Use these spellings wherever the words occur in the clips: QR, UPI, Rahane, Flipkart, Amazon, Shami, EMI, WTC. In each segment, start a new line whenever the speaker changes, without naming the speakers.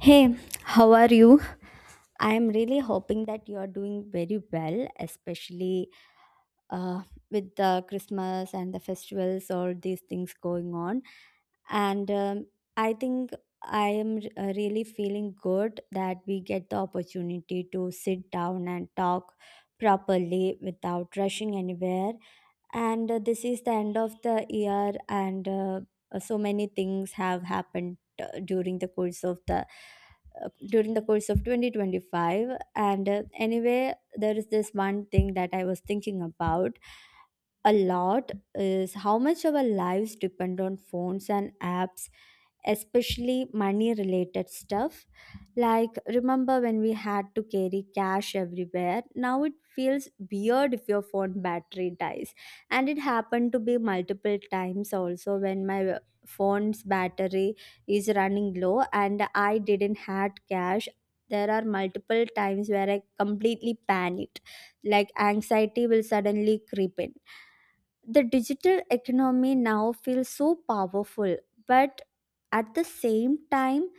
Hey, how are you? I am really hoping that you are doing very well, especially uh, with the Christmas and the festivals, all these things going on. And I think I am really feeling good that we get the opportunity to sit down and talk properly without rushing anywhere, and this is the end of the year, and so many things have happened during the course of 2025, and anyway, there is this one thing that I was thinking about a lot is how much our lives depend on phones and apps, especially money related stuff. Like, remember when we had to carry cash everywhere? Now it feels weird if your phone battery dies. And it happened to be multiple times also when my phone's battery is running low and I didn't had cash. There are multiple times where I completely panicked, like anxiety will suddenly creep in. The digital economy now feels so powerful, but at the same time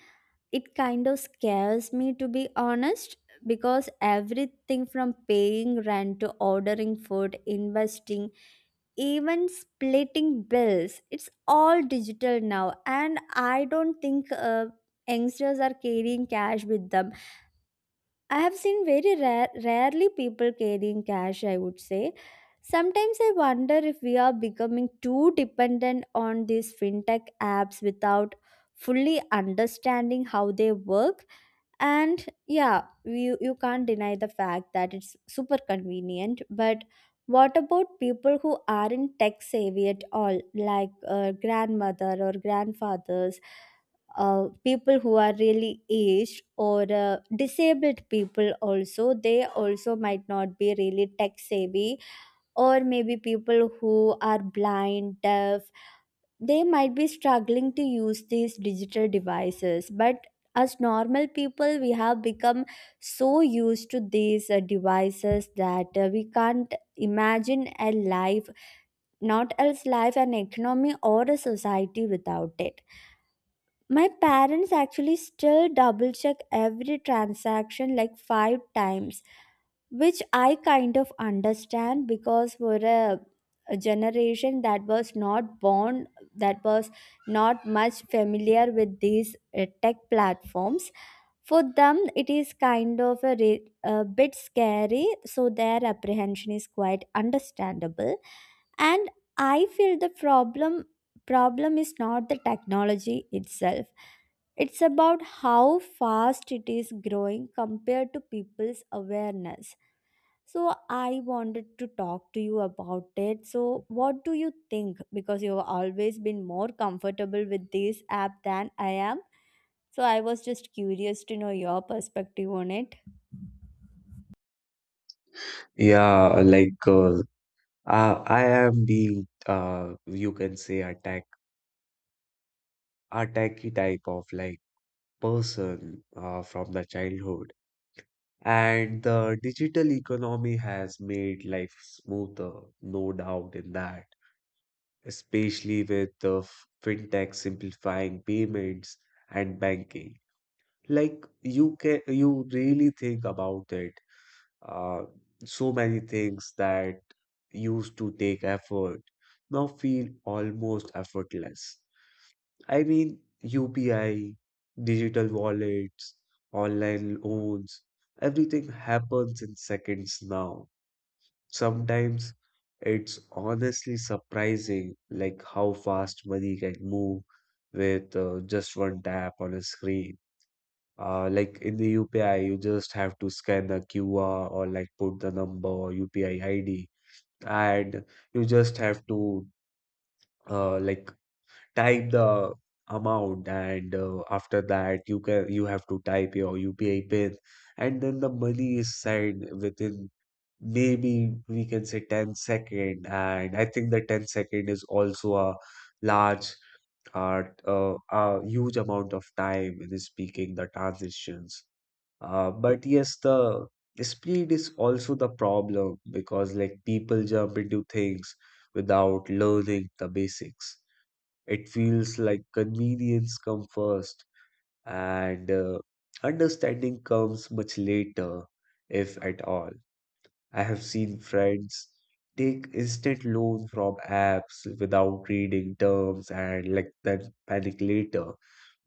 it kind of scares me, to be honest, because everything from paying rent to ordering food, investing, even splitting bills, it's all digital now. And I don't think youngsters are carrying cash with them. I have seen very rarely people carrying cash, I would say. Sometimes I wonder if we are becoming too dependent on these fintech apps without fully understanding how they work. And yeah, you can't deny the fact that it's super convenient, but what about people who aren't tech savvy at all, like grandmother or grandfathers, people who are really aged, or disabled people also? They also might not be really tech savvy, or maybe people who are blind, deaf. They might be struggling to use these digital devices, but as normal people we have become so used to these devices that we can't imagine a life, not else life, an economy or a society without it. My parents actually still double check every transaction like 5 times, which I kind of understand because for a generation that was not born, that was not much familiar with these tech platforms, for them it is kind of a bit scary, so their apprehension is quite understandable. And I feel the problem is not the technology itself, it's about how fast it is growing compared to people's awareness. So I wanted to talk to you about it. So what do you think? Because you've always been more comfortable with this app than I am. So I was just curious to know your perspective on it.
Yeah, like I am the you can say attacky type of like person from the childhood, and the digital economy has made life smoother, no doubt in that. Especially with the fintech simplifying payments and banking, like you really think about it. Uh, so many things that used to take effort now feel almost effortless. I mean, UPI, digital wallets, online loans, everything happens in seconds now. Sometimes it's honestly surprising like how fast money can move with just one tap on a screen. Like in the UPI, you just have to scan the QR or like put the number or UPI ID, and you just have to uh, like type the amount, and after that you have to type your UPI pin, and then the money is sent within maybe we can say 10 second, and I think the 10 second is also a large uh, a huge amount of time in speaking the transitions. But yes, the speed is also the problem because like people jump into things without learning the basics. It feels like convenience comes first and understanding comes much later, if at all. I have seen friends take instant loan from apps without reading terms and like then panic later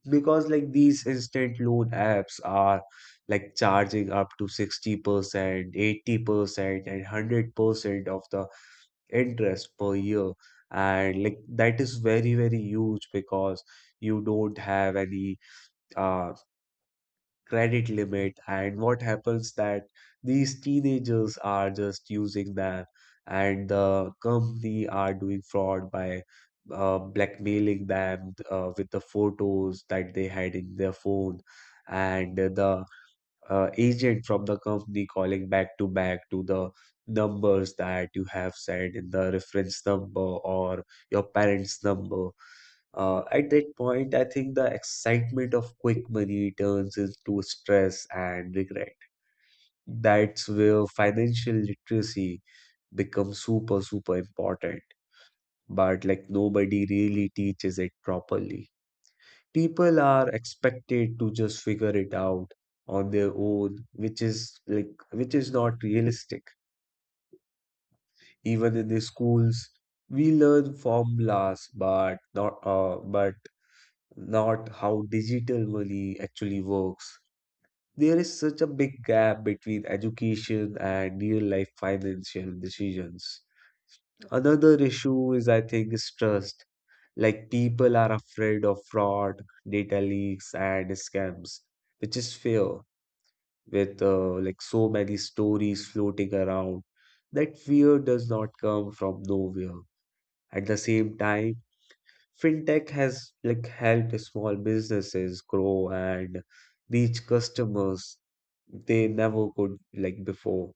because like these instant loan apps are like charging up to 60%, 80% and 100% of the interest per year. And like that is very, very huge because you don't have any uh credit limit and what happens that these teenagers are just using them and the company are doing fraud by blackmailing them with the photos that they had in their phone and the agent from the company calling back to back to the numbers that you have said in the reference number or your parents number. At that point, I think the excitement of quick money turns into stress and regret. That's where financial literacy becomes super, super important. But like nobody really teaches it properly. People are expected to just figure it out on their own, which is like, which is not realistic. Even in the schools, we learn formulas, but not how digital money actually works. There is such a big gap between education and real life financial decisions. Another issue is, I think, is trust. Like people are afraid of fraud, data leaks, and scams, which is fair with like so many stories floating around. That fear does not come from nowhere. At the same time, fintech has like helped small businesses grow and reach customers they never could like before.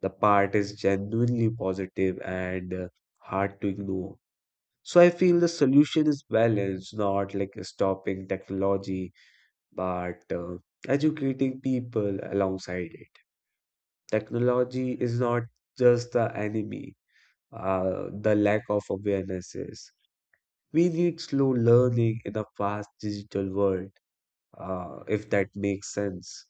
The part is genuinely positive and hard to ignore. So I feel the solution is balanced, not like stopping technology, but educating people alongside it. Technology is not just the enemy. The lack of awareness is. We need slow learning in a fast digital world, if that makes sense.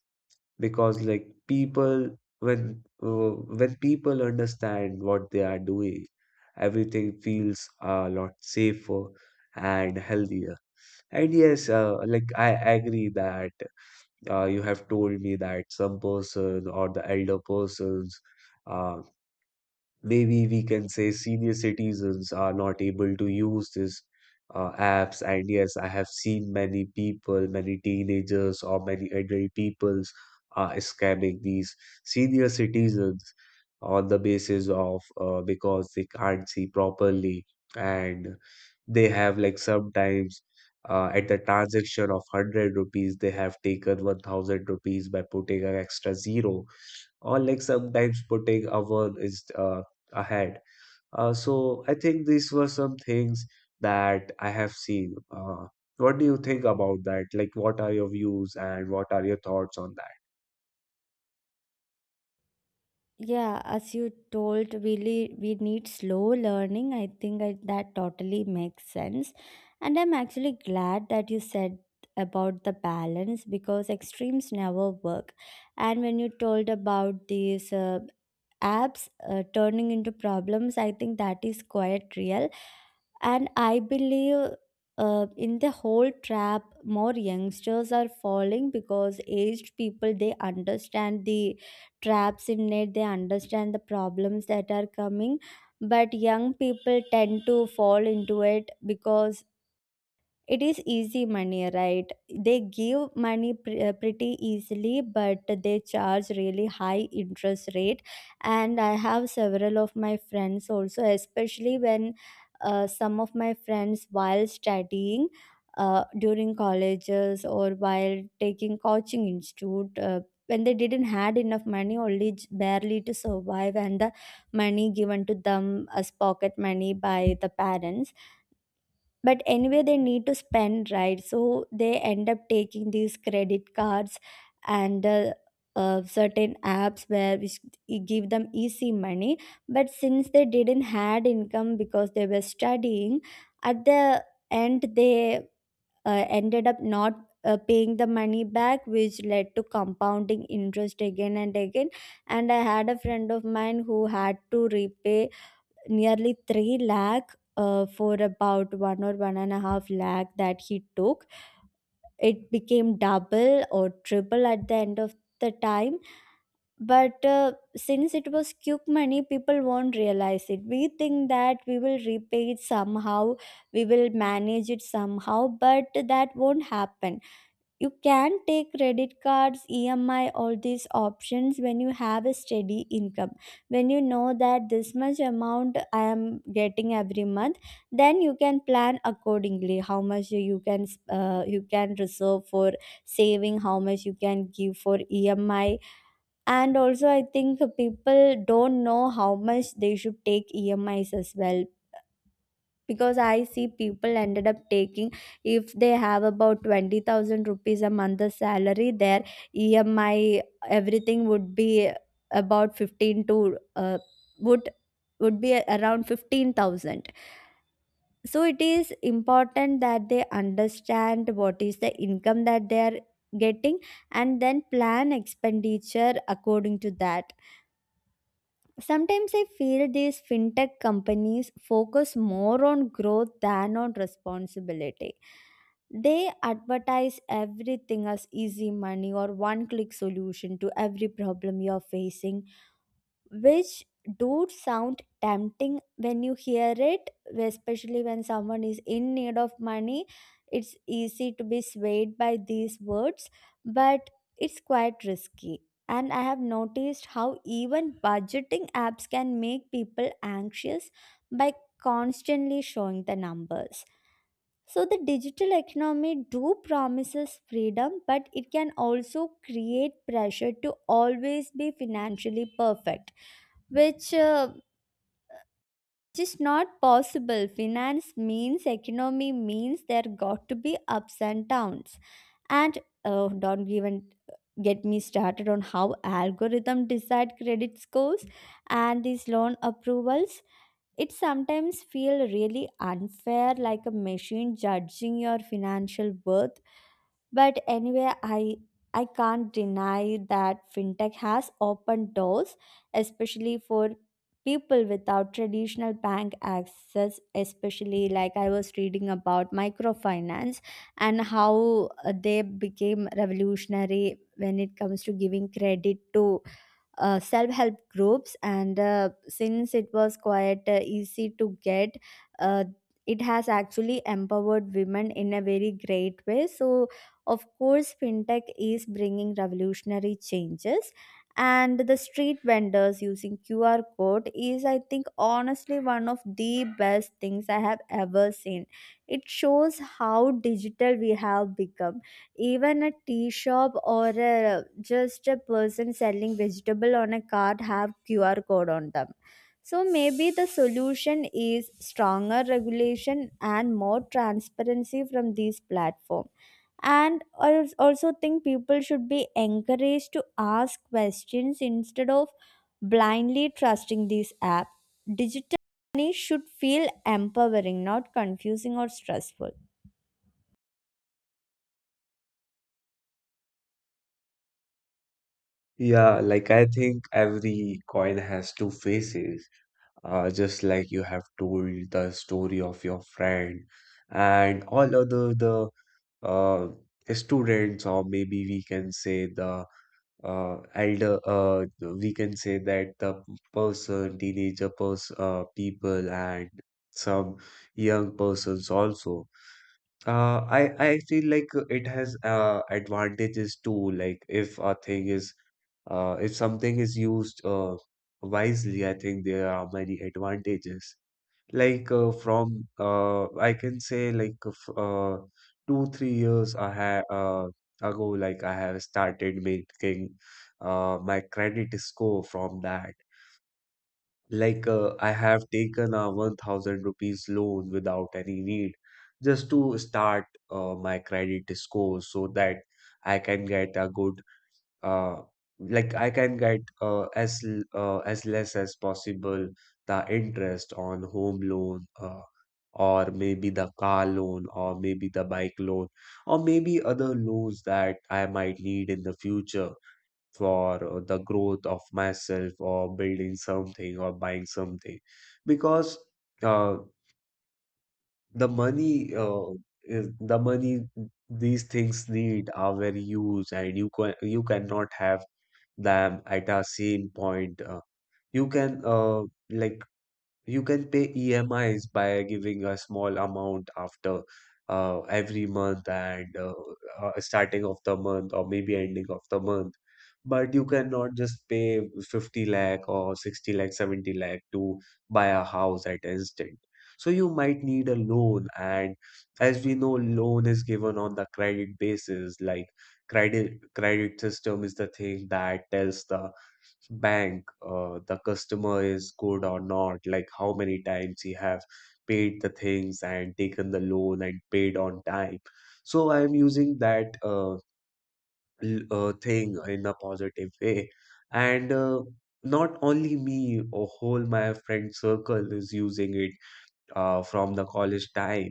Because like people, when people understand what they are doing, everything feels a lot safer and healthier. And yes, like I agree that you have told me that some person or the elder persons. Uh, Maybe we can say senior citizens are not able to use these apps. And yes, I have seen many people, many teenagers or many adult peoples are scamming these senior citizens on the basis of because they can't see properly, and they have like sometimes, at the transaction of 100 rupees they have taken 1,000 rupees by putting an extra zero, or like sometimes putting a one is ahead. So I think these were some things that I have seen. What do you think about that? Like, what are your views and what are your thoughts on that?
Yeah, as you told, really, we need slow learning. I think that totally makes sense. And I'm actually glad that you said about the balance because extremes never work. And when you told about these apps turning into problems, I think that is quite real. And I believe in the whole trap, more youngsters are falling because aged people, they understand the traps in it, they understand the problems that are coming, but young people tend to fall into it because it is easy money, right? They give money pretty easily, but they charge really high interest rate. And I have several of my friends also, especially when some of my friends, while studying during colleges or while taking coaching institute, when they didn't had enough money, only barely to survive, and the money given to them as pocket money by the parents, but anyway they need to spend, right? So they end up taking these credit cards and certain apps where which give them easy money, but since they didn't had income because they were studying, at the end they ended up not paying the money back, which led to compounding interest again and again. And I had a friend of mine who had to repay nearly 3 lakh for about one or one and a half lakh that he took. It became double or triple at the end of the time. But since it was quick money, people won't realize it. We think that we will repay it somehow, we will manage it somehow, but that won't happen. You can take credit cards, emi, all these options when you have a steady income. When you know that this much amount I am getting every month, then you can plan accordingly how much you can reserve for saving, how much you can give for emi. And also I think people don't know how much they should take emis as well, because I see people ended up taking, if they have about 20,000 rupees a month the salary, their emi everything would be about 15 to uh, would would be around 15,000. So it is important that they understand what is the income that they are getting and then plan expenditure according to that. Sometimes I feel these fintech companies focus more on growth than on responsibility. They advertise everything as easy money or one click solution to every problem you're facing, which do sound tempting when you hear it, especially when someone is in need of money. It's easy to be swayed by these words, but it's quite risky. And I have noticed how even budgeting apps can make people anxious by constantly showing the numbers. So the digital economy do promises freedom, but it can also create pressure to always be financially perfect, which just not possible. Finance means economy means there got to be ups and downs. And oh, don't even get me started on how algorithm decide credit scores and these loan approvals. It sometimes feel really unfair, like a machine judging your financial worth. But anyway, I can't deny that fintech has opened doors, especially for people without traditional bank access, especially like I was reading about microfinance and how they became revolutionary when it comes to giving credit to self-help groups, and since it was quite easy to get, uh, it has actually empowered women in a very great way. So of course fintech is bringing revolutionary changes, and the street vendors using qr code is, I think, honestly one of the best things I have ever seen. It shows how digital we have become. Even a tea shop, or just a person selling vegetable on a cart have qr code on them. So maybe the solution is stronger regulation and more transparency from these platforms. And I also think people should be encouraged to ask questions instead of blindly trusting these apps. Digital money should feel empowering, not confusing or stressful.
Yeah, like I think every coin has two faces, just like you have told the story of your friend and all other the uh, students, or maybe we can say the elder we can say that the person teenager person people and some young persons also. I feel like it has advantages too, like if a thing is if something is used wisely, I think there are many advantages. Like from I can say like 2 3 years I have ago, like I have started making my credit score from that. Like I have taken a 1000 rupees loan without any need, just to start my credit score so that I can get a good uh, I can get as less as possible the interest on home loan, or maybe the car loan or maybe the bike loan or maybe other loans that I might need in the future for the growth of myself or building something or buying something. Because uh the money is the money, these things need are very used, and you cannot have them at a same point. You can uh, like you can pay EMIs by giving a small amount after every month and starting of the month or maybe ending of the month. But you cannot just pay 50 lakh or 60 lakh, 70 lakh to buy a house at instant. So you might need a loan. And as we know, loan is given on the credit basis. Like credit system is the thing that tells the bank the customer is good or not, like how many times he have paid the things and taken the loan and paid on time. So I am using that thing in a positive way, and not only me, a whole my friend circle is using it from the college time,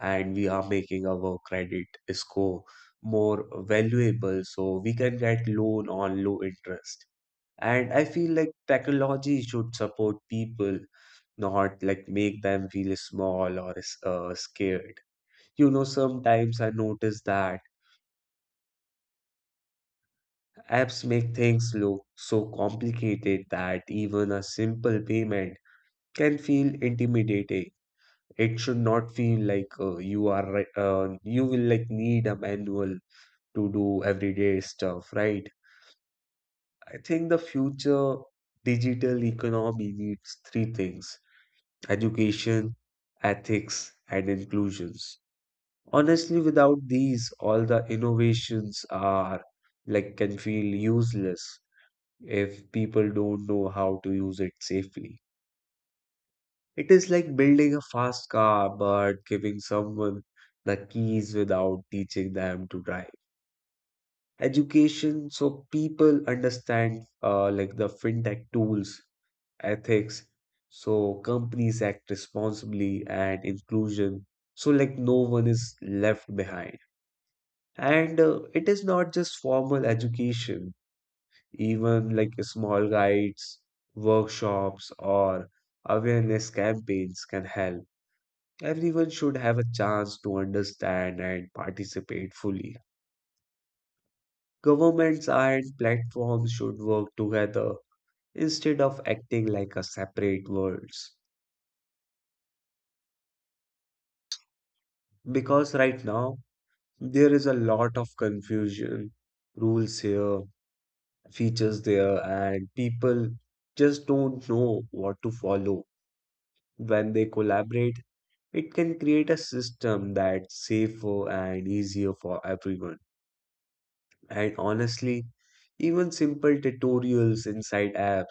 and we are making our credit score more valuable so we can get loan on low interest. And I feel like technology should support people, not like make them feel small or scared. You know, sometimes I notice that apps make things look so complicated that even a simple payment can feel intimidating. It should not feel like you will like need a manual to do everyday stuff, right? I think the future digital economy needs three things: education, ethics, and inclusions. Honestly, without these, all the innovations are like can feel useless if people don't know how to use it safely. It is like building a fast car but giving someone the keys without teaching them to drive. Education, so people understand like the fintech tools. Ethics, so companies act responsibly. And inclusion, so like no one is left behind. And it is not just formal education, even like small guides, workshops, or awareness campaigns can help. Everyone should have a chance to understand and participate fully. Governments and platforms should work together instead of acting like a separate worlds. Because right now, there is a lot of confusion, rules here, features there, and people just don't know what to follow. When they collaborate, it can create a system that's safer and easier for everyone. And honestly, even simple tutorials inside apps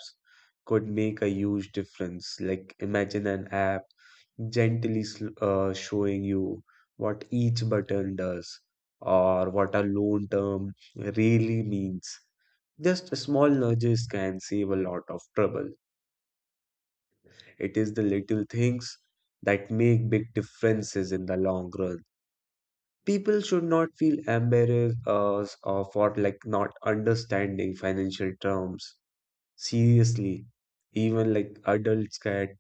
could make a huge difference. Like imagine an app gently showing you what each button does or what a loan term really means. Just small nudges can save a lot of trouble. It is the little things that make big differences in the long run. People should not feel embarrassed or for like not understanding financial terms. Seriously, even like adults get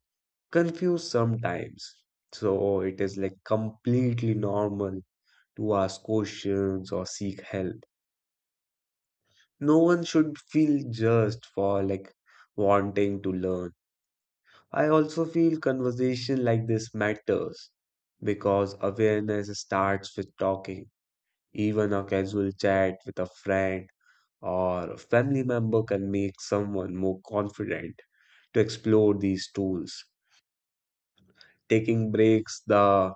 confused sometimes. So it is like completely normal to ask questions or seek help. No one should feel judged for like wanting to learn. I also feel conversation like this matters because awareness starts with talking. Even a casual chat with a friend or a family member can make someone more confident to explore these tools. Taking breaks, the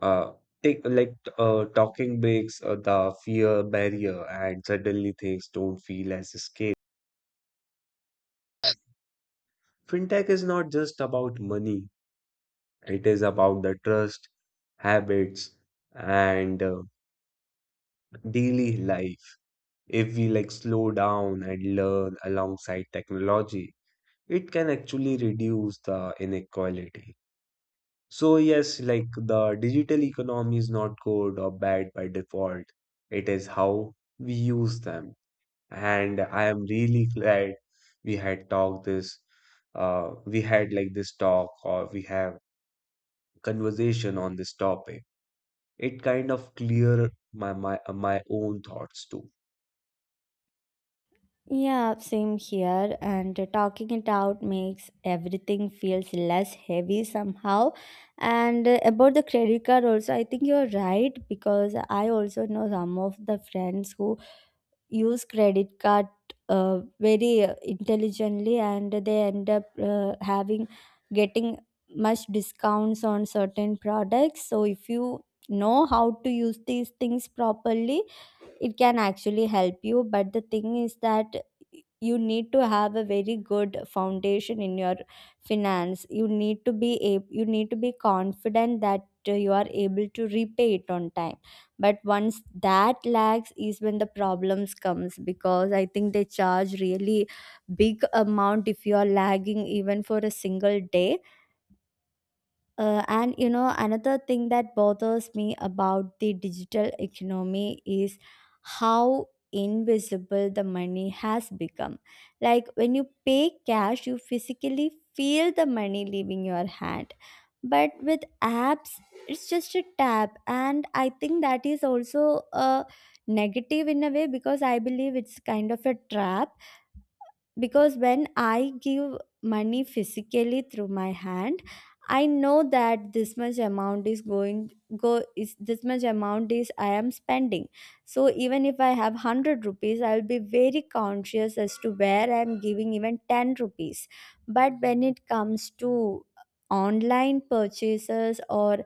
uh, take like talking breaks the fear barrier, and suddenly things don't feel as scary. Fintech is not just about money; it is about the trust, habits, and daily life. If we like slow down and learn alongside technology, it can actually reduce the inequality. So yes, like the digital economy is not good or bad by default. It is how we use them. And I am really glad we had talked this, we had like this talk or we have conversation on this topic. It kind of clear my own thoughts too.
Yeah, same here. And talking it out makes everything feels less heavy somehow. And about the credit card also, I think you're right, because I also know some of the friends who use credit card very intelligently, and they end up having getting much discounts on certain products. So if you know how to use these things properly, it can actually help you. But the thing is that you need to have a very good foundation in your finance. You need to be a you need to be confident that you are able to repay it on time. But once that lags is when the problems comes, because I think they charge really big amount if you are lagging even for a single day. And you know, another thing that bothers me about the digital economy is how invisible the money has become. Like when you pay cash, you physically feel the money leaving your hand. But with apps, it's just a tap. And I think that is also a negative in a way, because I believe it's kind of a trap, because when I give money physically through my hand, I know that this much amount is going go is this much amount is I am spending. So even if I have 100 rupees, I will be very conscious as to where I am giving even 10 rupees. But when it comes to online purchases or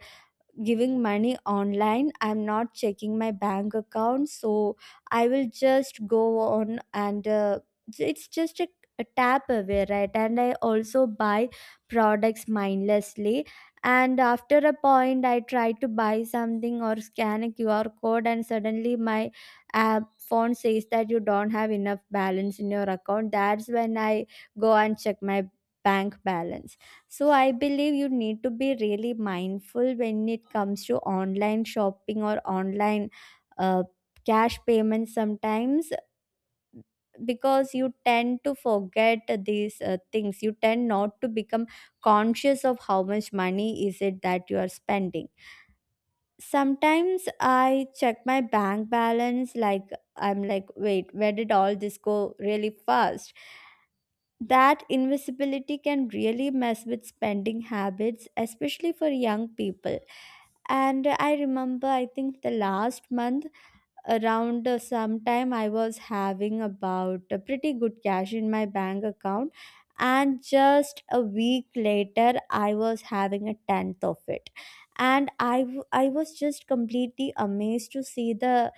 giving money online, I'm not checking my bank account, so I will just go on, and it's just a tap away, right? And I also buy products mindlessly, and after a point I try to buy something or scan a qr code, and suddenly my app phone says that you don't have enough balance in your account. That's when I go and check my bank balance. So I believe you need to be really mindful when it comes to online shopping or online uh, cash payments sometimes, because you tend to forget these things, you tend not to become conscious of how much money is it that you are spending. Sometimes I check my bank balance like, I'm like, wait, where did all this go really fast? That invisibility can really mess with spending habits, especially for young people. And I remember, I think the last month around sometime, I was having about a pretty good cash in my bank account. And just a week later, I was having a tenth of it. And I was just completely amazed to see the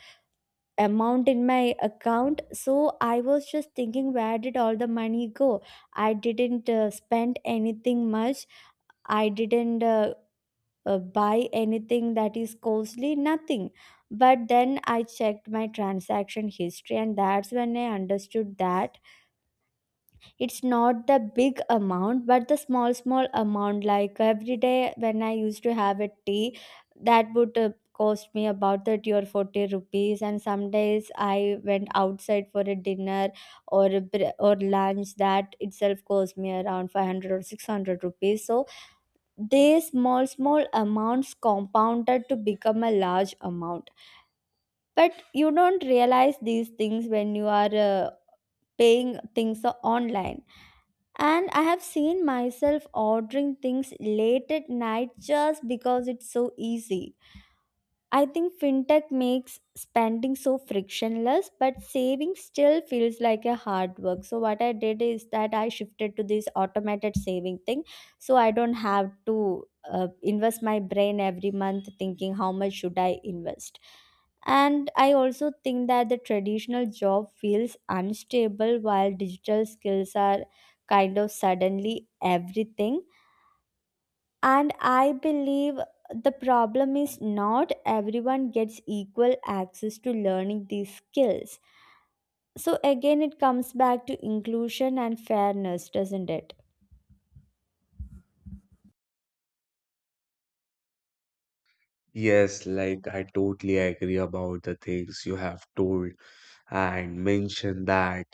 amount in my account. So I was just thinking where did all the money go. I didn't spend anything much. I didn't buy anything that is costly, nothing. But then I checked my transaction history, and that's when I understood that it's not the big amount but the small small amount. Like every day when I used to have a tea, that would cost me about 30 or 40 rupees, and some days I went outside for a dinner or lunch, that itself cost me around 500 or 600 rupees. So these small small amounts compounded to become a large amount. But you don't realize these things when you are paying things online. And I have seen myself ordering things late at night just because it's so easy. I think fintech makes spending so frictionless, but saving still feels like a hard work. So what I did is that I shifted to this automated saving thing, so I don't have to invest my brain every month thinking how much should I invest. And I also think that the traditional job feels unstable while digital skills are kind of suddenly everything. And I believe the problem is not everyone gets equal access to learning these skills. So again, it comes back to inclusion and fairness, doesn't it?
Yes, like I totally agree about the things you have told and mentioned that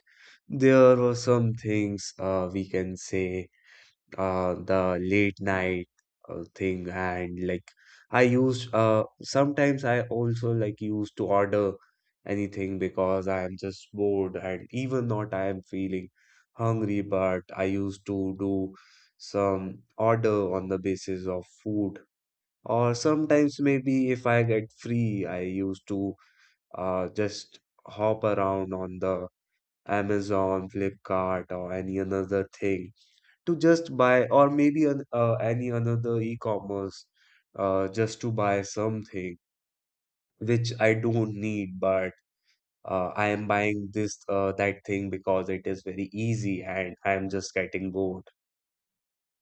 there were some things, we can say, the late night thing. And like I used, sometimes I also like used to order anything because I am just bored and even not I am feeling hungry, but I used to do some order on the basis of food. Or sometimes maybe if I get free, I used to just hop around on the Amazon, Flipkart or any another thing to just buy, or maybe any another e-commerce, just to buy something which I don't need, but I am buying this that thing because it is very easy and I am just getting bored.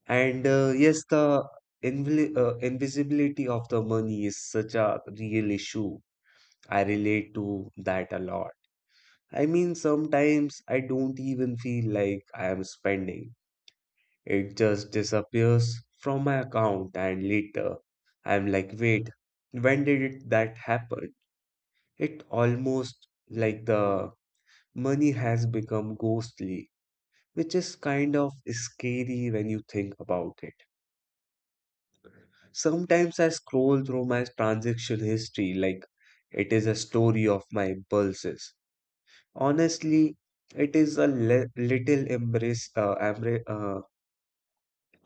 And yes, the invili invisibility of the money is such a real issue. I relate to that a lot. I mean, sometimes I don't even feel like I am spending. It just disappears from my account, and later I'm like, wait, that happen? It almost like the money has become ghostly, which is kind of scary when you think about it. Sometimes I scroll through my transaction history like it is a story of my impulses. Honestly, it is a little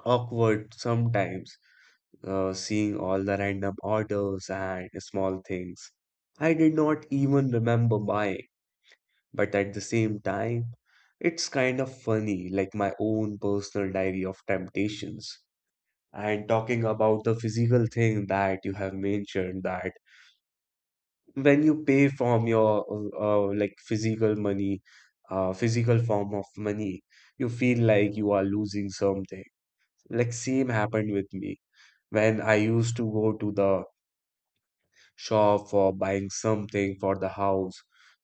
awkward sometimes, seeing all the random orders and small things I did not even remember buying. But at the same time, it's kind of funny, like my own personal diary of temptations. And talking about the physical thing that you have mentioned, that when you pay from your like physical money, physical form of money, you feel like you are losing something. Like same happened with me when I used to go to the shop for buying something for the house,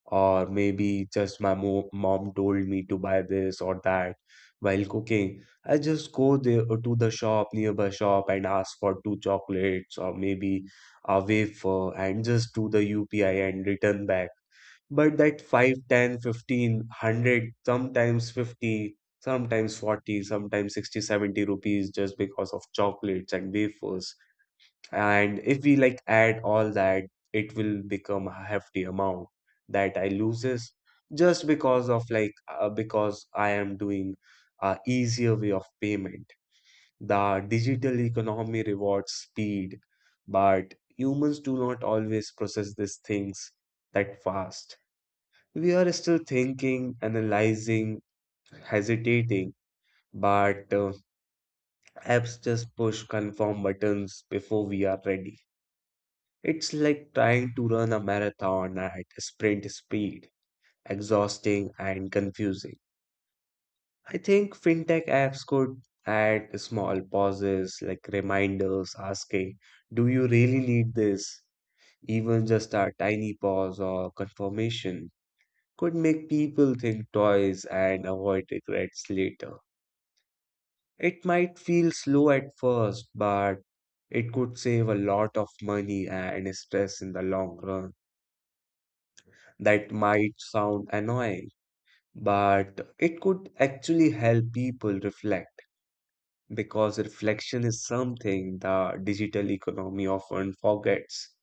or maybe just my mo mom told me to buy this or that while cooking. I just go there, to the shop, nearby shop, and ask for two chocolates or maybe a wafer and just do the UPI and return back. But that 5, 10, 15, 100, sometimes 50, sometimes 40, sometimes 60, 70 rupees, just because of chocolates and wafers, and if we like add all that, it will become a hefty amount that I loses just because of like, because I am doing a easier way of payment. The digital economy rewards speed, but humans do not always process these things that fast. We are still thinking, analyzing, hesitating, but apps just push confirm buttons before we are ready. It's like trying to run a marathon at sprint speed, exhausting and confusing. I think fintech apps could add small pauses like reminders asking, do you really need this? Even just a tiny pause or confirmation could make people think twice and avoid regrets later. It might feel slow at first, but it could save a lot of money and stress in the long run. That might sound annoying, but it could actually help people reflect, because reflection is something the digital economy often forgets.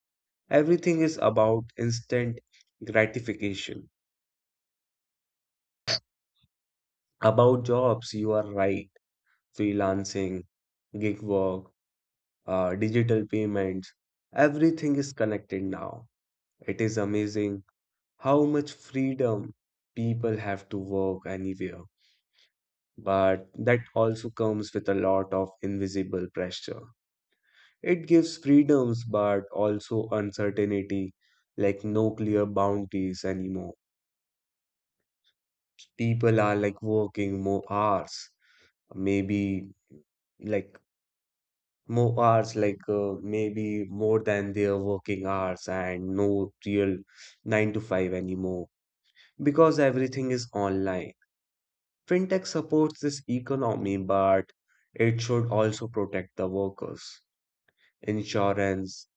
Everything is about instant gratification. About jobs, you are right, freelancing, gig work, digital payments, everything is connected now. It is amazing how much freedom people have to work anywhere, but that also comes with a lot of invisible pressure. It gives freedoms, but also uncertainty, like no clear boundaries anymore. People are like working more hours, maybe like more hours, like, maybe more than their working hours, and no real 9 to 5 anymore because everything is online. Fintech supports this economy, but it should also protect the workers. Insurance,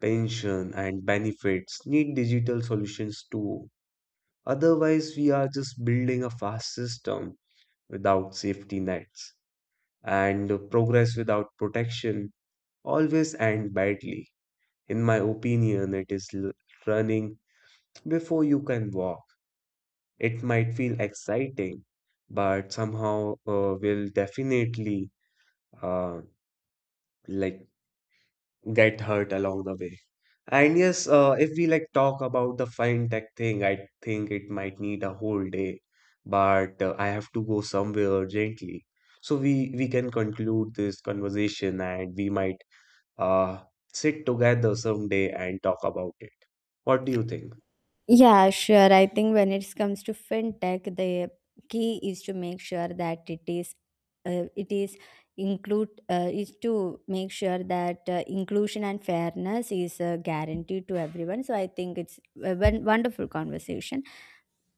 pension, and benefits need digital solutions too. Otherwise, we are just building a fast system without safety nets, and progress without protection always end badly. In my opinion, it is running before you can walk. It might feel exciting, but somehow will definitely uh, like get hurt along the way. And yes, if we like talk about the fintech thing, I think it might need a whole day, but I have to go somewhere urgently. So we can conclude this conversation, and we might uh sit together someday and talk about it. What do you think?
Yeah, sure. I think when it comes to fintech, the key is to make sure that it is include is to make sure that inclusion and fairness is guaranteed to everyone. So I think it's a wonderful conversation.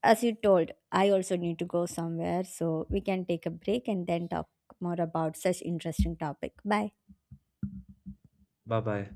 As you told, I also need to go somewhere, so we can take a break and then talk more about such interesting topic. Bye.
Bye bye.